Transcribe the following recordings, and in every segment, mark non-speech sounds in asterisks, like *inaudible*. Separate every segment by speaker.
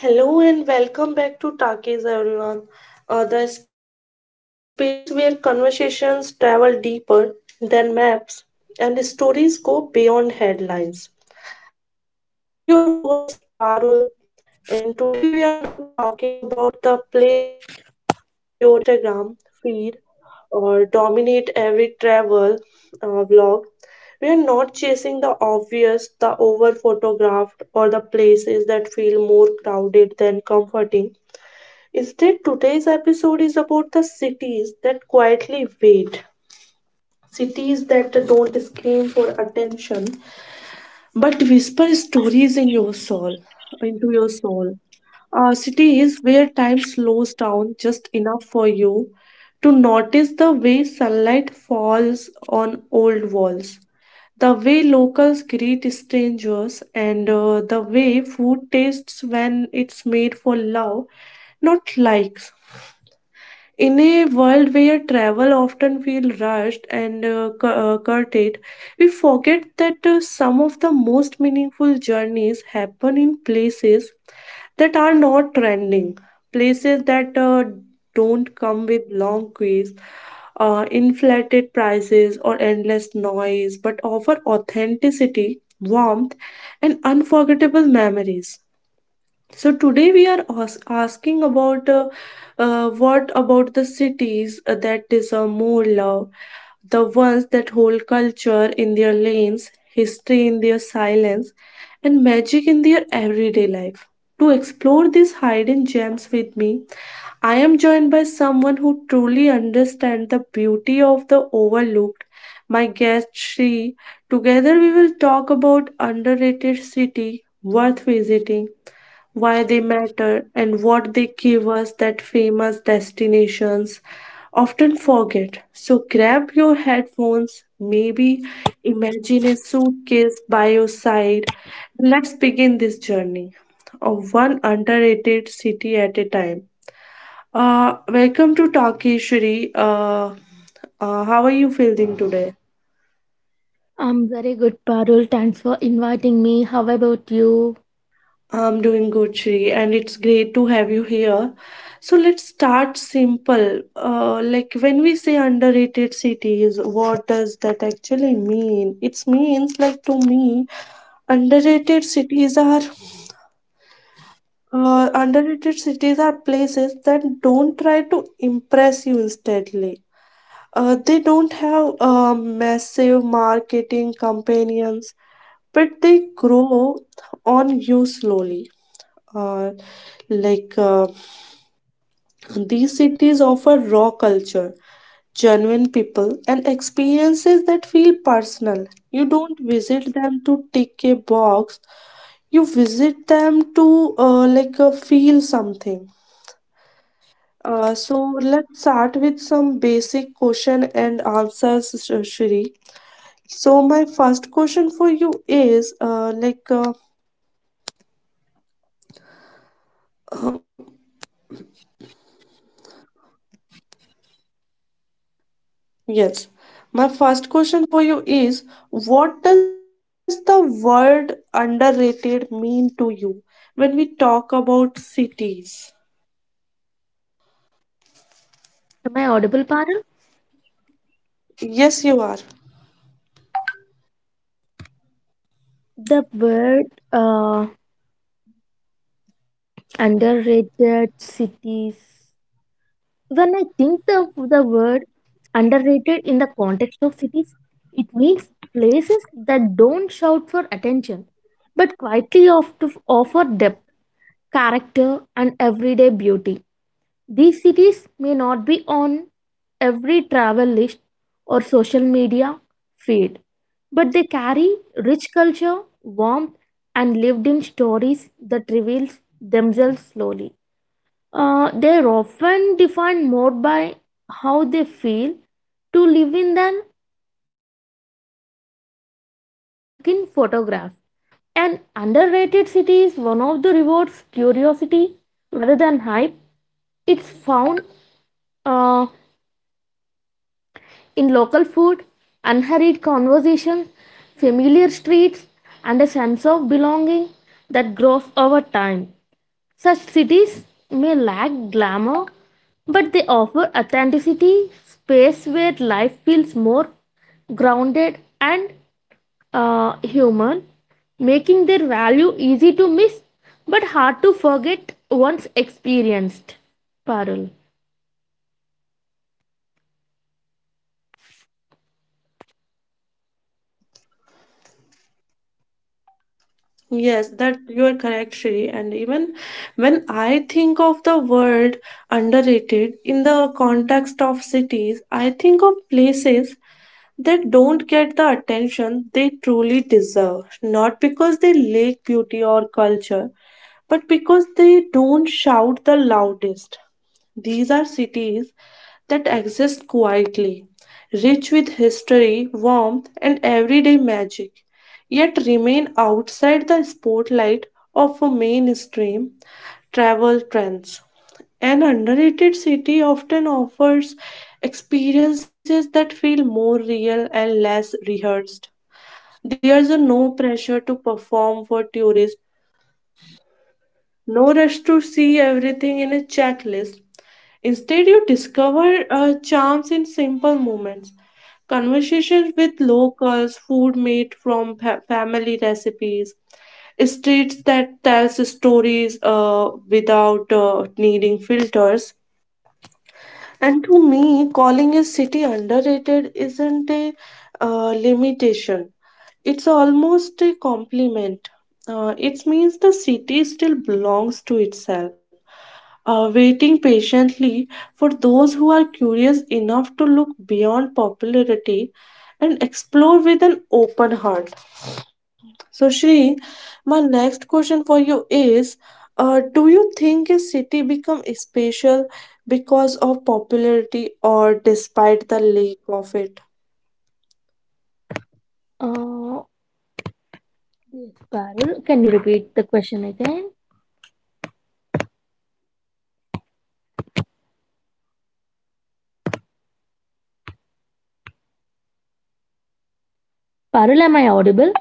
Speaker 1: Hello and welcome back to Talkies Everyone, the space where conversations travel deeper than maps and stories go beyond headlines. I am your host Parul, and today we are not talking about the places that flood your Instagram feed or dominate every travel vlog. We are not chasing the obvious, the over photographed, or the places that feel more crowded than comforting. Instead, today's episode is about the cities that quietly wait. Cities that don't scream for attention but whisper stories in your soul, into your soul. Cities where time slows down just enough for you to notice the way sunlight falls on old walls, the way locals greet strangers, and the way food tastes when it's made for love, not likes. In a world where travel often feels rushed and curtailed, we forget that some of the most meaningful journeys happen in places that are not trending, places that don't come with long queues, inflated prices, or endless noise, but offer authenticity, warmth, and unforgettable memories. So today we are asking about what about the cities that deserve more love, the ones that hold culture in their lanes, history in their silence, and magic in their everyday life. To explore these hidden gems with me, I am joined by someone who truly understands the beauty of the overlooked. My guest Shri. Together we will talk about underrated city worth visiting, why they matter, and what they give us that famous destinations often forget. So grab your headphones, maybe imagine a suitcase by your side. Let's begin this journey of one underrated city at a time. Welcome to Takeshiri. How are you feeling today?
Speaker 2: I'm very good, Parul. Thanks for inviting me. How about you?
Speaker 1: I'm doing good, Shri, and it's great to have you here. So let's start simple. Like when we say underrated cities, what does that actually mean? It means like to me, underrated cities are underrated cities are places that don't try to impress you instantly. They don't have massive marketing companions, but they grow on you slowly, uh, like uh, these cities offer raw culture, genuine people, and experiences that feel personal. You don't visit them to tick a box, you visit them to feel something. So let's start with some basic question and answers, Shri. So my first question for you is Yes. My first question for you is what does the word underrated mean to you when we talk about cities?
Speaker 2: Am I audible, Parul?
Speaker 1: Yes, you are.
Speaker 2: The word uh, underrated cities. When I think of the word underrated in the context of cities, it means places that don't shout for attention, but quietly off to offer depth, character, and everyday beauty. These cities may not be on every travel list or social media feed, but they carry rich culture, warmth, and lived in stories that reveals themselves slowly. They are often defined more by how they feel to live in than how they look in photographs. An underrated city is one of the rewards curiosity rather than hype. It's found uh, in local food, unhurried conversation, familiar streets, and a sense of belonging that grows over time. Such cities may lack glamour, but they offer authenticity, space where life feels more grounded and human, making their value easy to miss but hard to forget once experienced. Parul.
Speaker 1: Yes, that you are correct, Shri. And even when I think of the word underrated in the context of cities, I think of places that don't get the attention they truly deserve, not because they lack beauty or culture, but because they don't shout the loudest. These are cities that exist quietly, rich with history, warmth, and everyday magic, yet remain outside the spotlight of mainstream travel trends. An underrated city often offers experiences that feel more real and less rehearsed. There's no pressure to perform for tourists, no rush to see everything in a checklist. Instead, you discover charms in simple moments. Conversations with locals, food made from family recipes, streets that tells stories without needing filters. And to me, calling a city underrated isn't a limitation. It's almost a compliment. It means the city still belongs to itself, waiting patiently for those who are curious enough to look beyond popularity and explore with an open heart. So, Shri, my next question for you is, do you think a city become special because of popularity or despite the lack of it?
Speaker 2: Uh, Yes, Parul, can you repeat the question again? Parul, am I audible?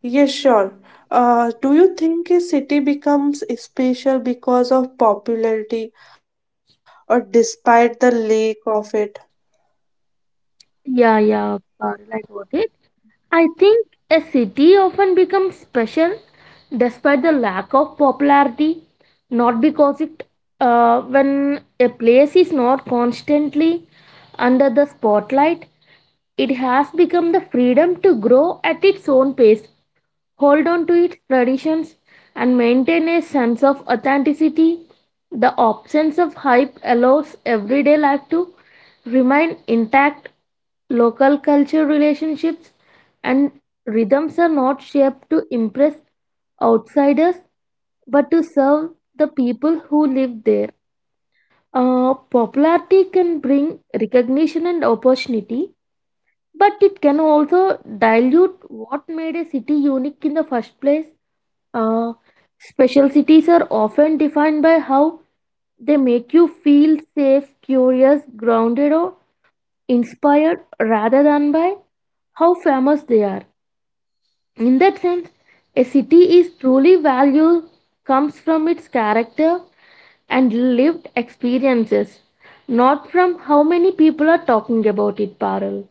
Speaker 1: Yes, sure. Do you think a city becomes special because of popularity or despite the lack of it?
Speaker 2: Yeah, Parul, I got it. I think a city often becomes special despite the lack of popularity, not because it, when a place is not constantly under the spotlight, it has become the freedom to grow at its own pace. Hold on to its traditions, and maintain a sense of authenticity. The absence of hype allows everyday life to remain intact. Local culture relationships and rhythms are not shaped to impress outsiders but to serve the people who live there. Popularity can bring recognition and opportunity, but it can also dilute what made a city unique in the first place. Uh, special cities are often defined by how they make you feel safe, curious, grounded, or inspired rather than by how famous they are. In that sense, a city is truly valued comes from its character and lived experiences, not from how many people are talking about it, Parul.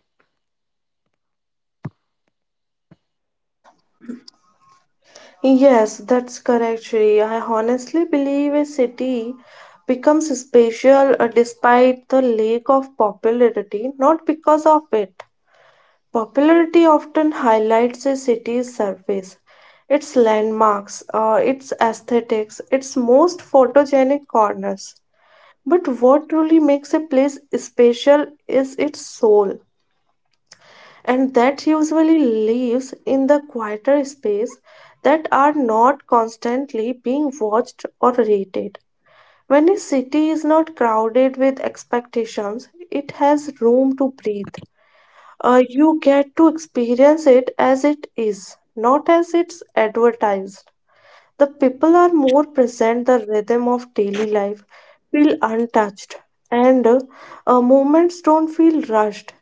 Speaker 1: Yes, that's correct, Shri. I honestly believe a city becomes special despite the lack of popularity, not because of it. Popularity often highlights a city's surface, its landmarks, its aesthetics, its most photogenic corners. But what truly makes a place special is its soul, and that usually lives in the quieter space that are not constantly being watched or rated. When a city is not crowded with expectations, it has room to breathe. You get to experience it as it is, not as it's advertised. The people are more present, the rhythm of daily life feel untouched, and movements don't feel rushed.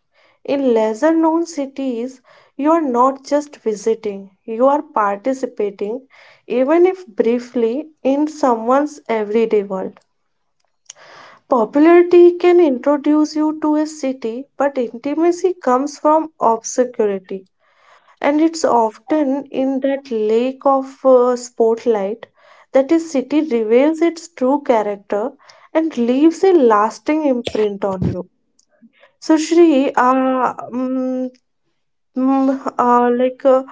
Speaker 1: In lesser known cities, you are not just visiting, you are participating, even if briefly, in someone's everyday world. Popularity can introduce you to a city, but intimacy comes from obscurity, and it's often in that lake of spotlight that a city reveals its true character and leaves a lasting imprint on you. So, Shri, mm, uh, like, uh,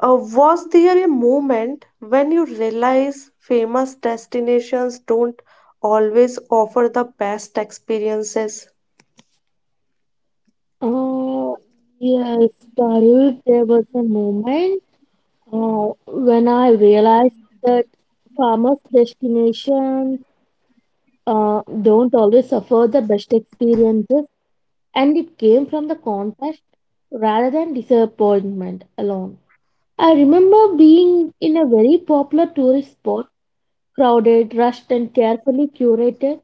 Speaker 1: was there a moment when you realize famous destinations don't always offer the best experiences?
Speaker 2: Uh, yes, Parul, there was a moment when I realized that farmers' destinations don't always offer the best experiences, and it came from the contrast rather than disappointment alone. I remember being in a very popular tourist spot, crowded, rushed, and carefully curated,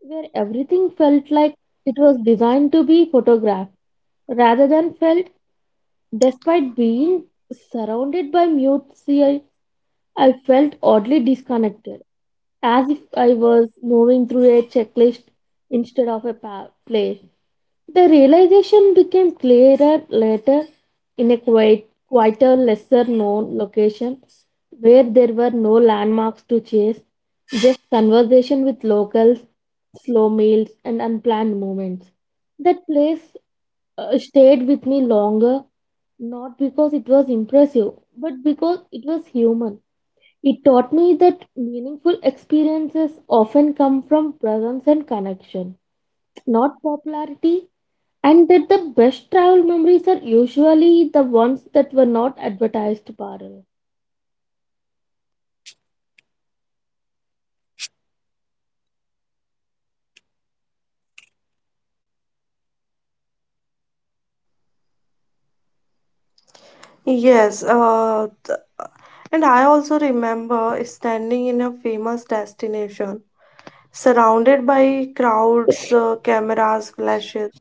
Speaker 2: where everything felt like it was designed to be photographed rather than felt. Despite being surrounded by mute, I felt oddly disconnected, as if I was moving through a checklist instead of a play. The realization became clearer later in a quieter, lesser known location where there were no landmarks to chase, just conversation with locals, slow meals, and unplanned moments. That place stayed with me longer, not because it was impressive, but because it was human. It taught me that meaningful experiences often come from presence and connection, not popularity, and that the best travel memories are usually the ones that were not advertised, Parul.
Speaker 1: Yes, and I also remember standing in a famous destination, surrounded by crowds, cameras, flashes,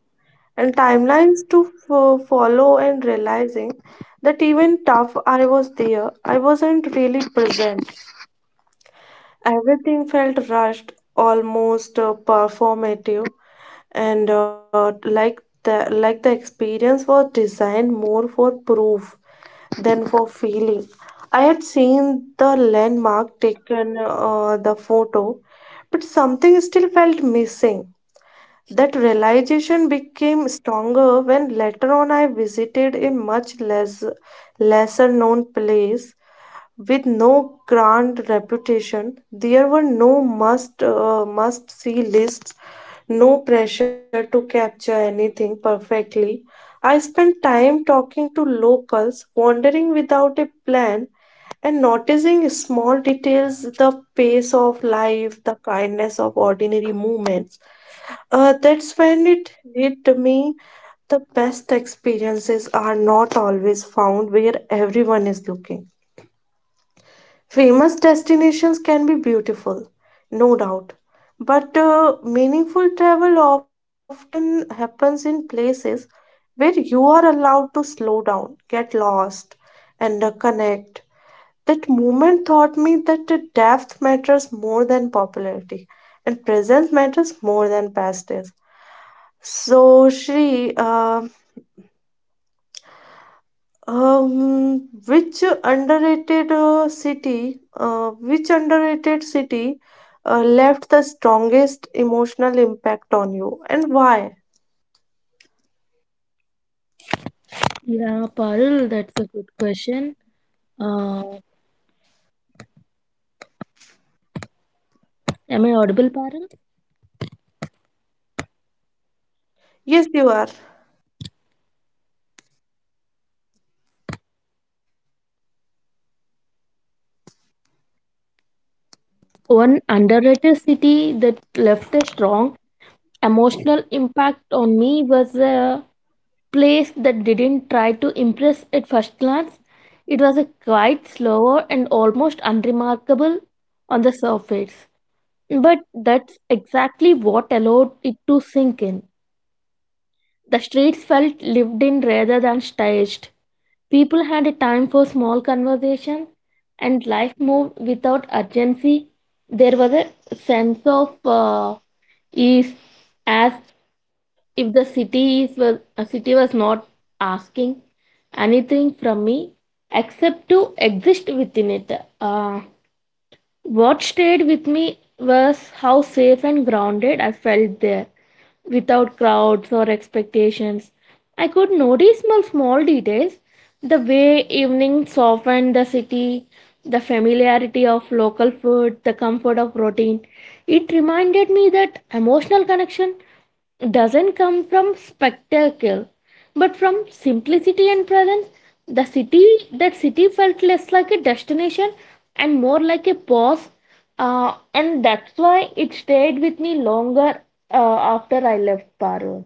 Speaker 1: and timelines to follow, and realizing that even tough I was there, I wasn't really present. Everything felt rushed, almost performative, and like the experience was designed more for proof than for feeling. I had seen the landmark, taken the photo, but something still felt missing. That realization became stronger when later on I visited a much lesser known place with no grand reputation. There were no must see lists, no pressure to capture anything perfectly. I spent time talking to locals, wandering without a plan, and noticing small details, the pace of life, the kindness of ordinary moments. That's when it hit me, the best experiences are not always found where everyone is looking. Famous destinations can be beautiful, no doubt, but meaningful travel often happens in places where you are allowed to slow down, get lost, and connect. That moment taught me that the depth matters more than popularity and presence matters more than past days. So, Shri, which which underrated city left the strongest emotional impact on you and why?
Speaker 2: Yeah, Parul, that's a good question. Uh, am I audible, Parul?
Speaker 1: Yes, you are.
Speaker 2: One underrated city that left a strong emotional impact on me was place that didn't try to impress at first glance. It was a quiet, slower, and almost unremarkable on the surface. But that's exactly what allowed it to sink in. The streets felt lived in rather than staged. People had a time for small conversation, and life moved without urgency. There was a sense of ease, as if the city is was a city was not asking anything from me except to exist within it. Uh, what stayed with me was how safe and grounded I felt there. Without crowds or expectations, I could notice small details, the way evening softened the city, the familiarity of local food, the comfort of routine. It reminded me that emotional connection doesn't come from spectacle, but from simplicity and presence. The city that city felt less like a destination and more like a pause. And that's why it stayed with me longer after I left, Parul.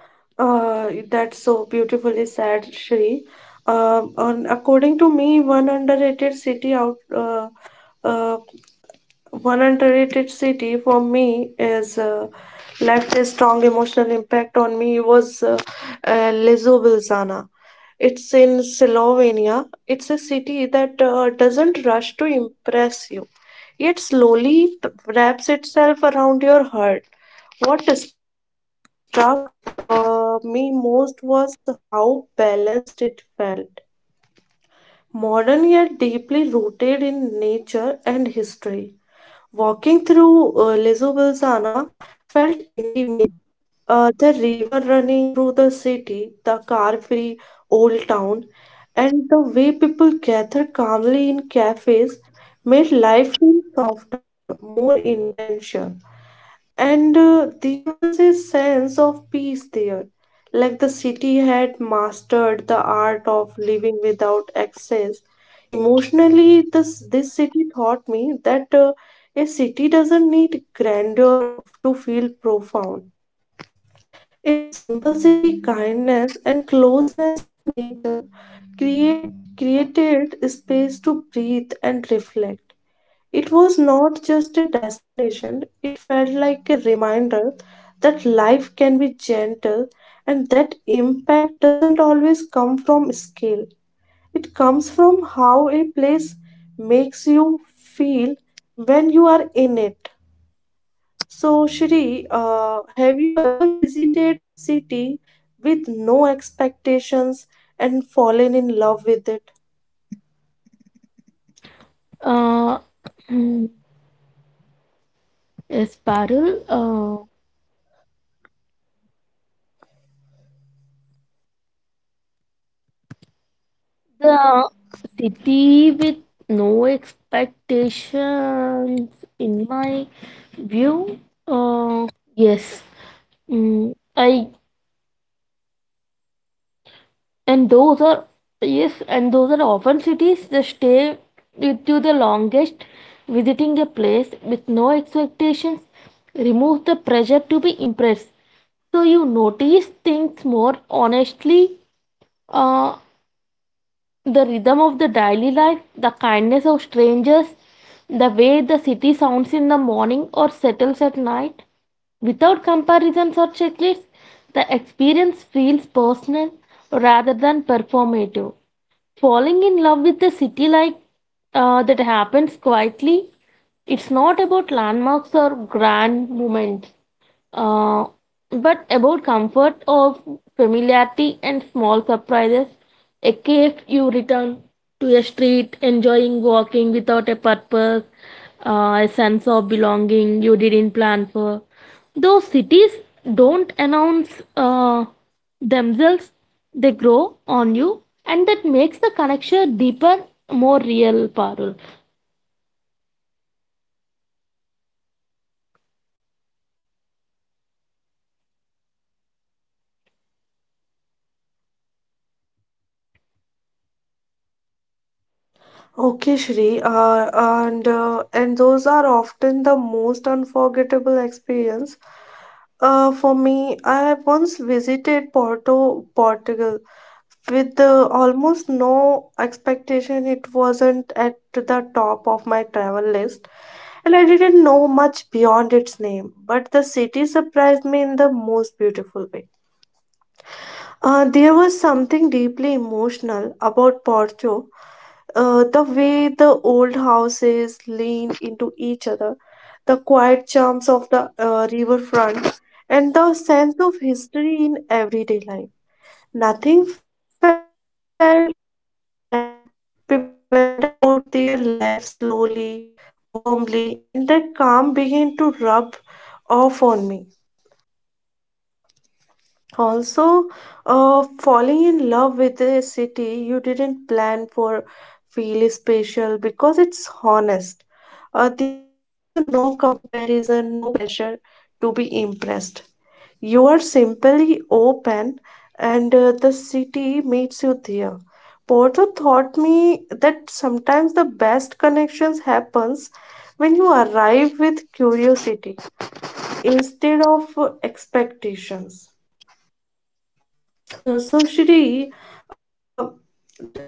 Speaker 1: That's so beautifully said, Shri. On according to me, uh, one underrated city for me is left a strong emotional impact on me was Ljubljana. It's in Slovenia. It's a city that doesn't rush to impress you, yet slowly wraps itself around your heart. What struck me most was how balanced it felt, modern yet deeply rooted in nature and history. Walking through Lizobilzana felt intimate. The river running through the city, the car-free old town, and the way people gather calmly in cafes made life feel softer, more intentional, and there was a sense of peace there, like the city had mastered the art of living without excess. Emotionally, this city taught me that a city doesn't need grandeur to feel profound. Its simplicity, kindness, and closeness to nature create, created space to breathe and reflect. It was not just a destination, it felt like a reminder that life can be gentle and that impact doesn't always come from scale. It comes from how a place makes you feel when you are in it. So, Shri, have you ever visited a city with no expectations and fallen in love with it?
Speaker 2: Uh, *clears throat* mm, Yes, Parul. Uh, the city with no expectations in my view, uh, yes. Mm, I and those are yes and those are often cities that stay with you the longest. Visiting a place with no expectations removes the pressure to be impressed, so you notice things more honestly. Uh, the rhythm of the daily life, the kindness of strangers, the way the city sounds in the morning or settles at night, without comparisons or checklists, the experience feels personal rather than performative. Falling in love with the city, that happens quietly. It's not about landmarks or grand moments, uh, but about comfort of familiarity and small surprises, a cave you return to, a street, enjoying walking without a purpose, a sense of belonging you didn't plan for. Those cities don't announce themselves, they grow on you, and that makes the connection deeper, more real, Parul.
Speaker 1: Okay, Shri, and and those are often the most unforgettable experience. For me, I once visited Porto, Portugal, with almost no expectation. It wasn't at the top of my travel list, and I didn't know much beyond its name. But the city surprised me in the most beautiful way. There was something deeply emotional about Porto. The way the old houses leaned into each other, the quiet charms of the riverfront, and the sense of history in everyday life. Nothing felt stagged. People went about their lives slowly, warmly, and that calm began to rub off on me. Also, falling in love with a city you didn't plan for feel special because it's honest. There's a no comparison, no pressure to be impressed. You are simply open, and the city meets you there. Porto taught me that sometimes the best connections happens when you arrive with curiosity instead of expectations. So Shri, uh, d- uh,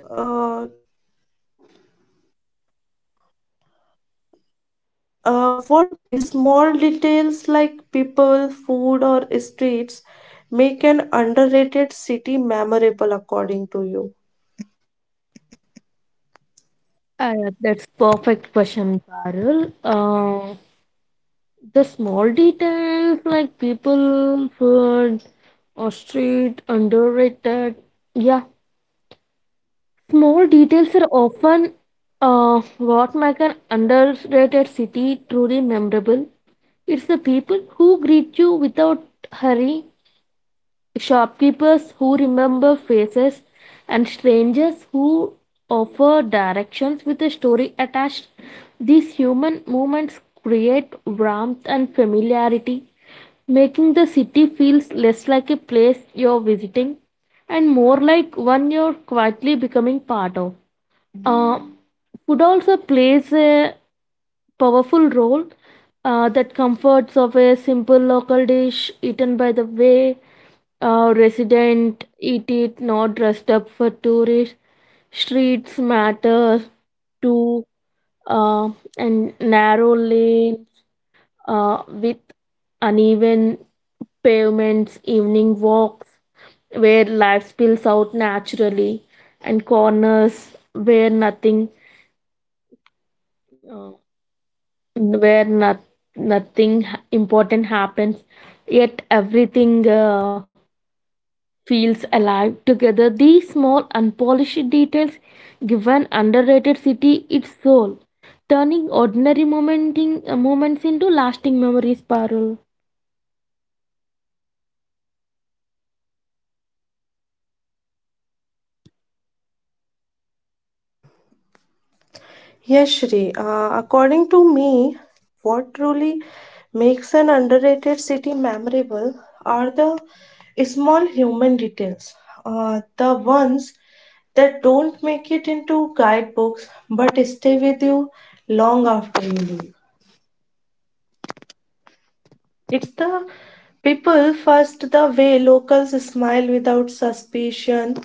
Speaker 1: what small details like people, food, or streets make an underrated city memorable according to you?
Speaker 2: That's perfect question, Parul. The small details like people, food, or street underrated. Yeah, small details are often what make an underrated city truly memorable. It's the people who greet you without hurry, shopkeepers who remember faces, and strangers who offer directions with a story attached. These human moments create warmth and familiarity, making the city feels less like a place you're visiting and more like one you're quietly becoming part of. Uh, food also plays a powerful role, that comforts of a simple local dish eaten by the way resident eat it, not dressed up for tourists. Streets matter to, uh, and narrow lanes with uneven pavements, evening walks where life spills out naturally, and corners where nothing uh, where not, nothing important happens, yet everything feels alive. Together these small unpolished details give an underrated city its soul, turning ordinary moments into lasting memories, Parul.
Speaker 1: Yes, Shri. According to me, what truly makes an underrated city memorable are the small human details, the ones that don't make it into guidebooks but stay with you long after you leave. It's the people first, the way locals smile without suspicion,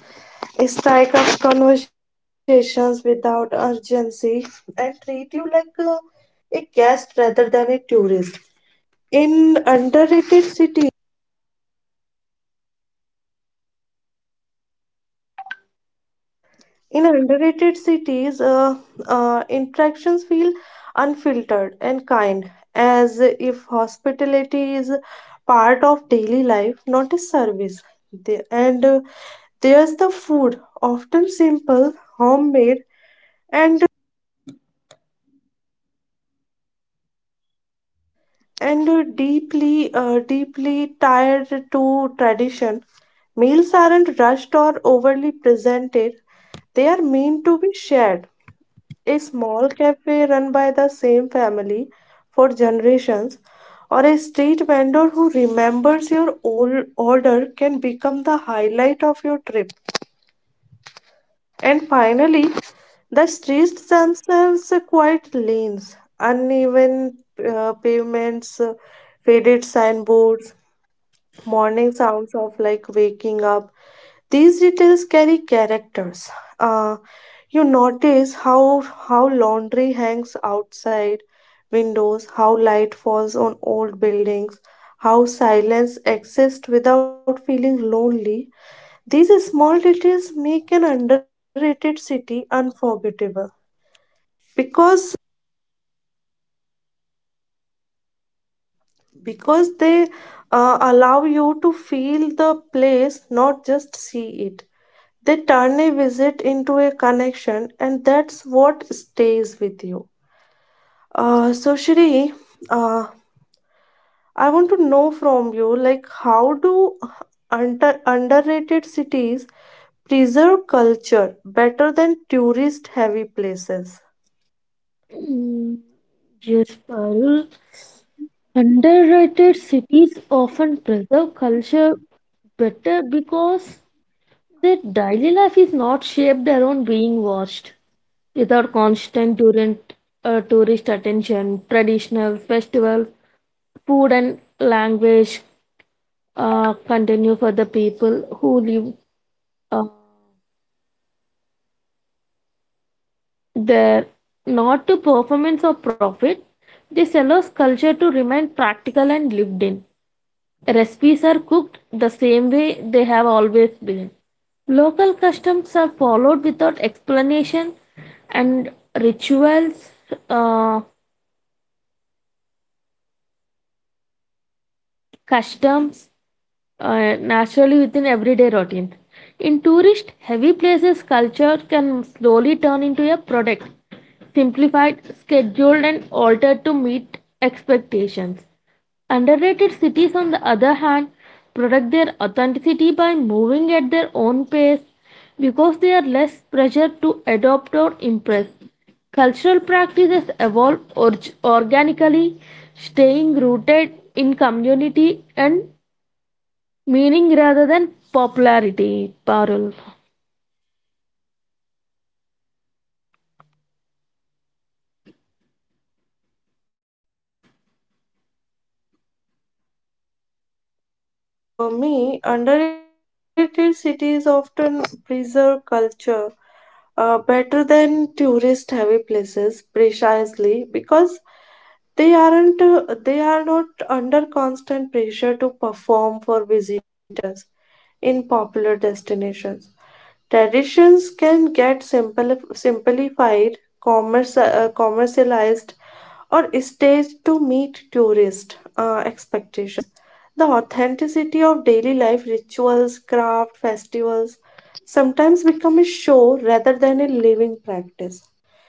Speaker 1: strike up conversations without urgency, and treat you like a guest rather than a tourist. In underrated cities, In underrated cities, interactions feel unfiltered and kind, as if hospitality is part of daily life, not a service. And there's the food, often simple, homemade, and and deeply deeply tied to tradition. Meals aren't rushed or overly presented; they are meant to be shared. A small cafe run by the same family for generations, or a street vendor who remembers your old order can become the highlight of your trip. And finally, the streets themselves are quite lanes, uneven pavements, faded signboards, morning sounds of like waking up, these details carry characters. Uh, you notice how laundry hangs outside windows, how light falls on old buildings, how silence exists without feeling lonely. These small details make an underrated city unforgettable because because they allow you to feel the place, not just see it. They turn a visit into a connection, and that's what stays with you. So, Shri, uh, I want to know from you, like, how do underrated cities preserve culture better than tourist-heavy places?
Speaker 2: Mm, yes, Parul, underrated cities often preserve culture better because their daily life is not shaped around being watched. Without constant tourist attention, traditional festivals, food and language continue for the people who live uh, there. Not to performance or profit, this allows culture to remain practical and lived in. Recipes are cooked the same way they have always been. Local customs are followed without explanation, and rituals, uh, customs, naturally within everyday routine. In tourist heavy places, culture can slowly turn into a product, simplified, scheduled, and altered to meet expectations. Underrated cities, on the other hand, protect their authenticity by moving at their own pace because they are less pressured to adopt or impress. Cultural practices evolve organically, staying rooted in community and meaning rather than popularity, Parul.
Speaker 1: That's correct, Shri. According to me, underrated cities often preserve culture better than tourist-heavy places, precisely because they are not under constant pressure to perform for visitors in popular destinations. Traditions can get simplified, commercialized, or staged to meet tourist expectations. The authenticity of daily life rituals, craft, festivals sometimes become a show rather than a living practice.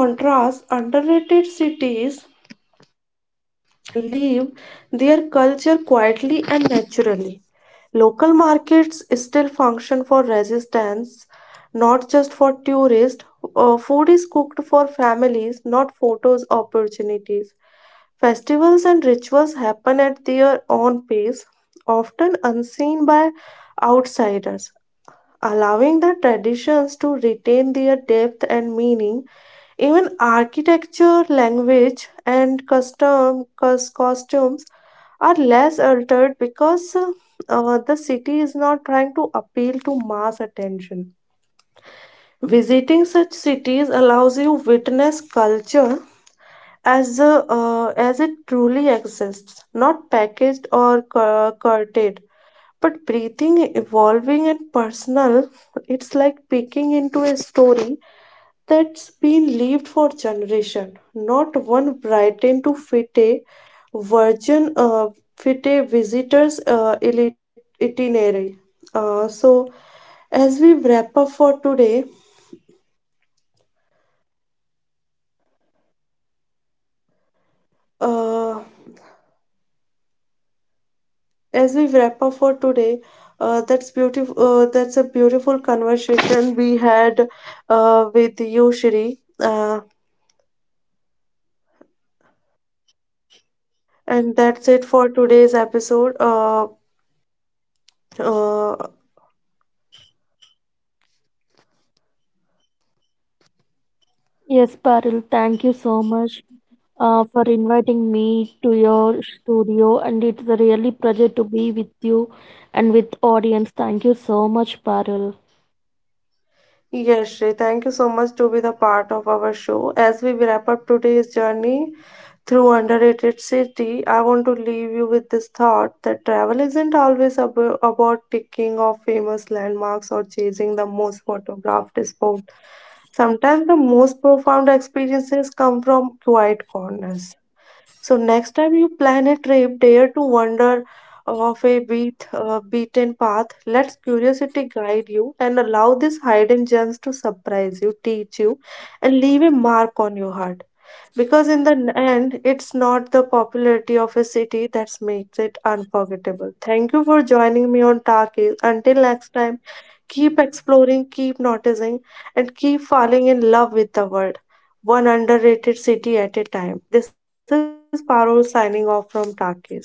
Speaker 1: In contrast, underrated cities leave their culture quietly and naturally. Local markets still function for resistance, not just for tourists. Food is cooked for families, not photos opportunities. Festivals and rituals happen at their own pace, often unseen by outsiders, allowing the traditions to retain their depth and meaning, even architecture, language, and costumes are less altered because the city is not trying to appeal to mass attention. Visiting such cities allows you witness culture as it truly exists, not packaged or curtailed, but breathing, evolving, and personal. It's like peeking into a story that's been lived for generation. Not one brightened to fit a virgin, uh, fit a visitor's itinerary. So, as we wrap up for today, uh, as we wrap up for today, that's beautiful. That's a beautiful conversation we had with you, Shri. And that's it for today's episode. Uh,
Speaker 2: Yes, Parul, thank you so much for inviting me to your studio, and it's a really pleasure to be with you and with audience. Thank you so much, Parul.
Speaker 1: Yes, Shrey, thank you so much to be the part of our show. As we wrap up today's journey through underrated city, I want to leave you with this thought that travel isn't always about ticking off famous landmarks or chasing the most photographed spot. Sometimes the most profound experiences come from quiet corners. So next time you plan a trip, dare to wander off a beaten path. Let curiosity guide you and allow these hidden gems to surprise you, teach you, and leave a mark on your heart. Because in the end, it's not the popularity of a city that makes it unforgettable. Thank you for joining me on Talkies. Until next time. Keep exploring, keep noticing, and keep falling in love with the world, one underrated city at a time. This is Parul signing off from Takis.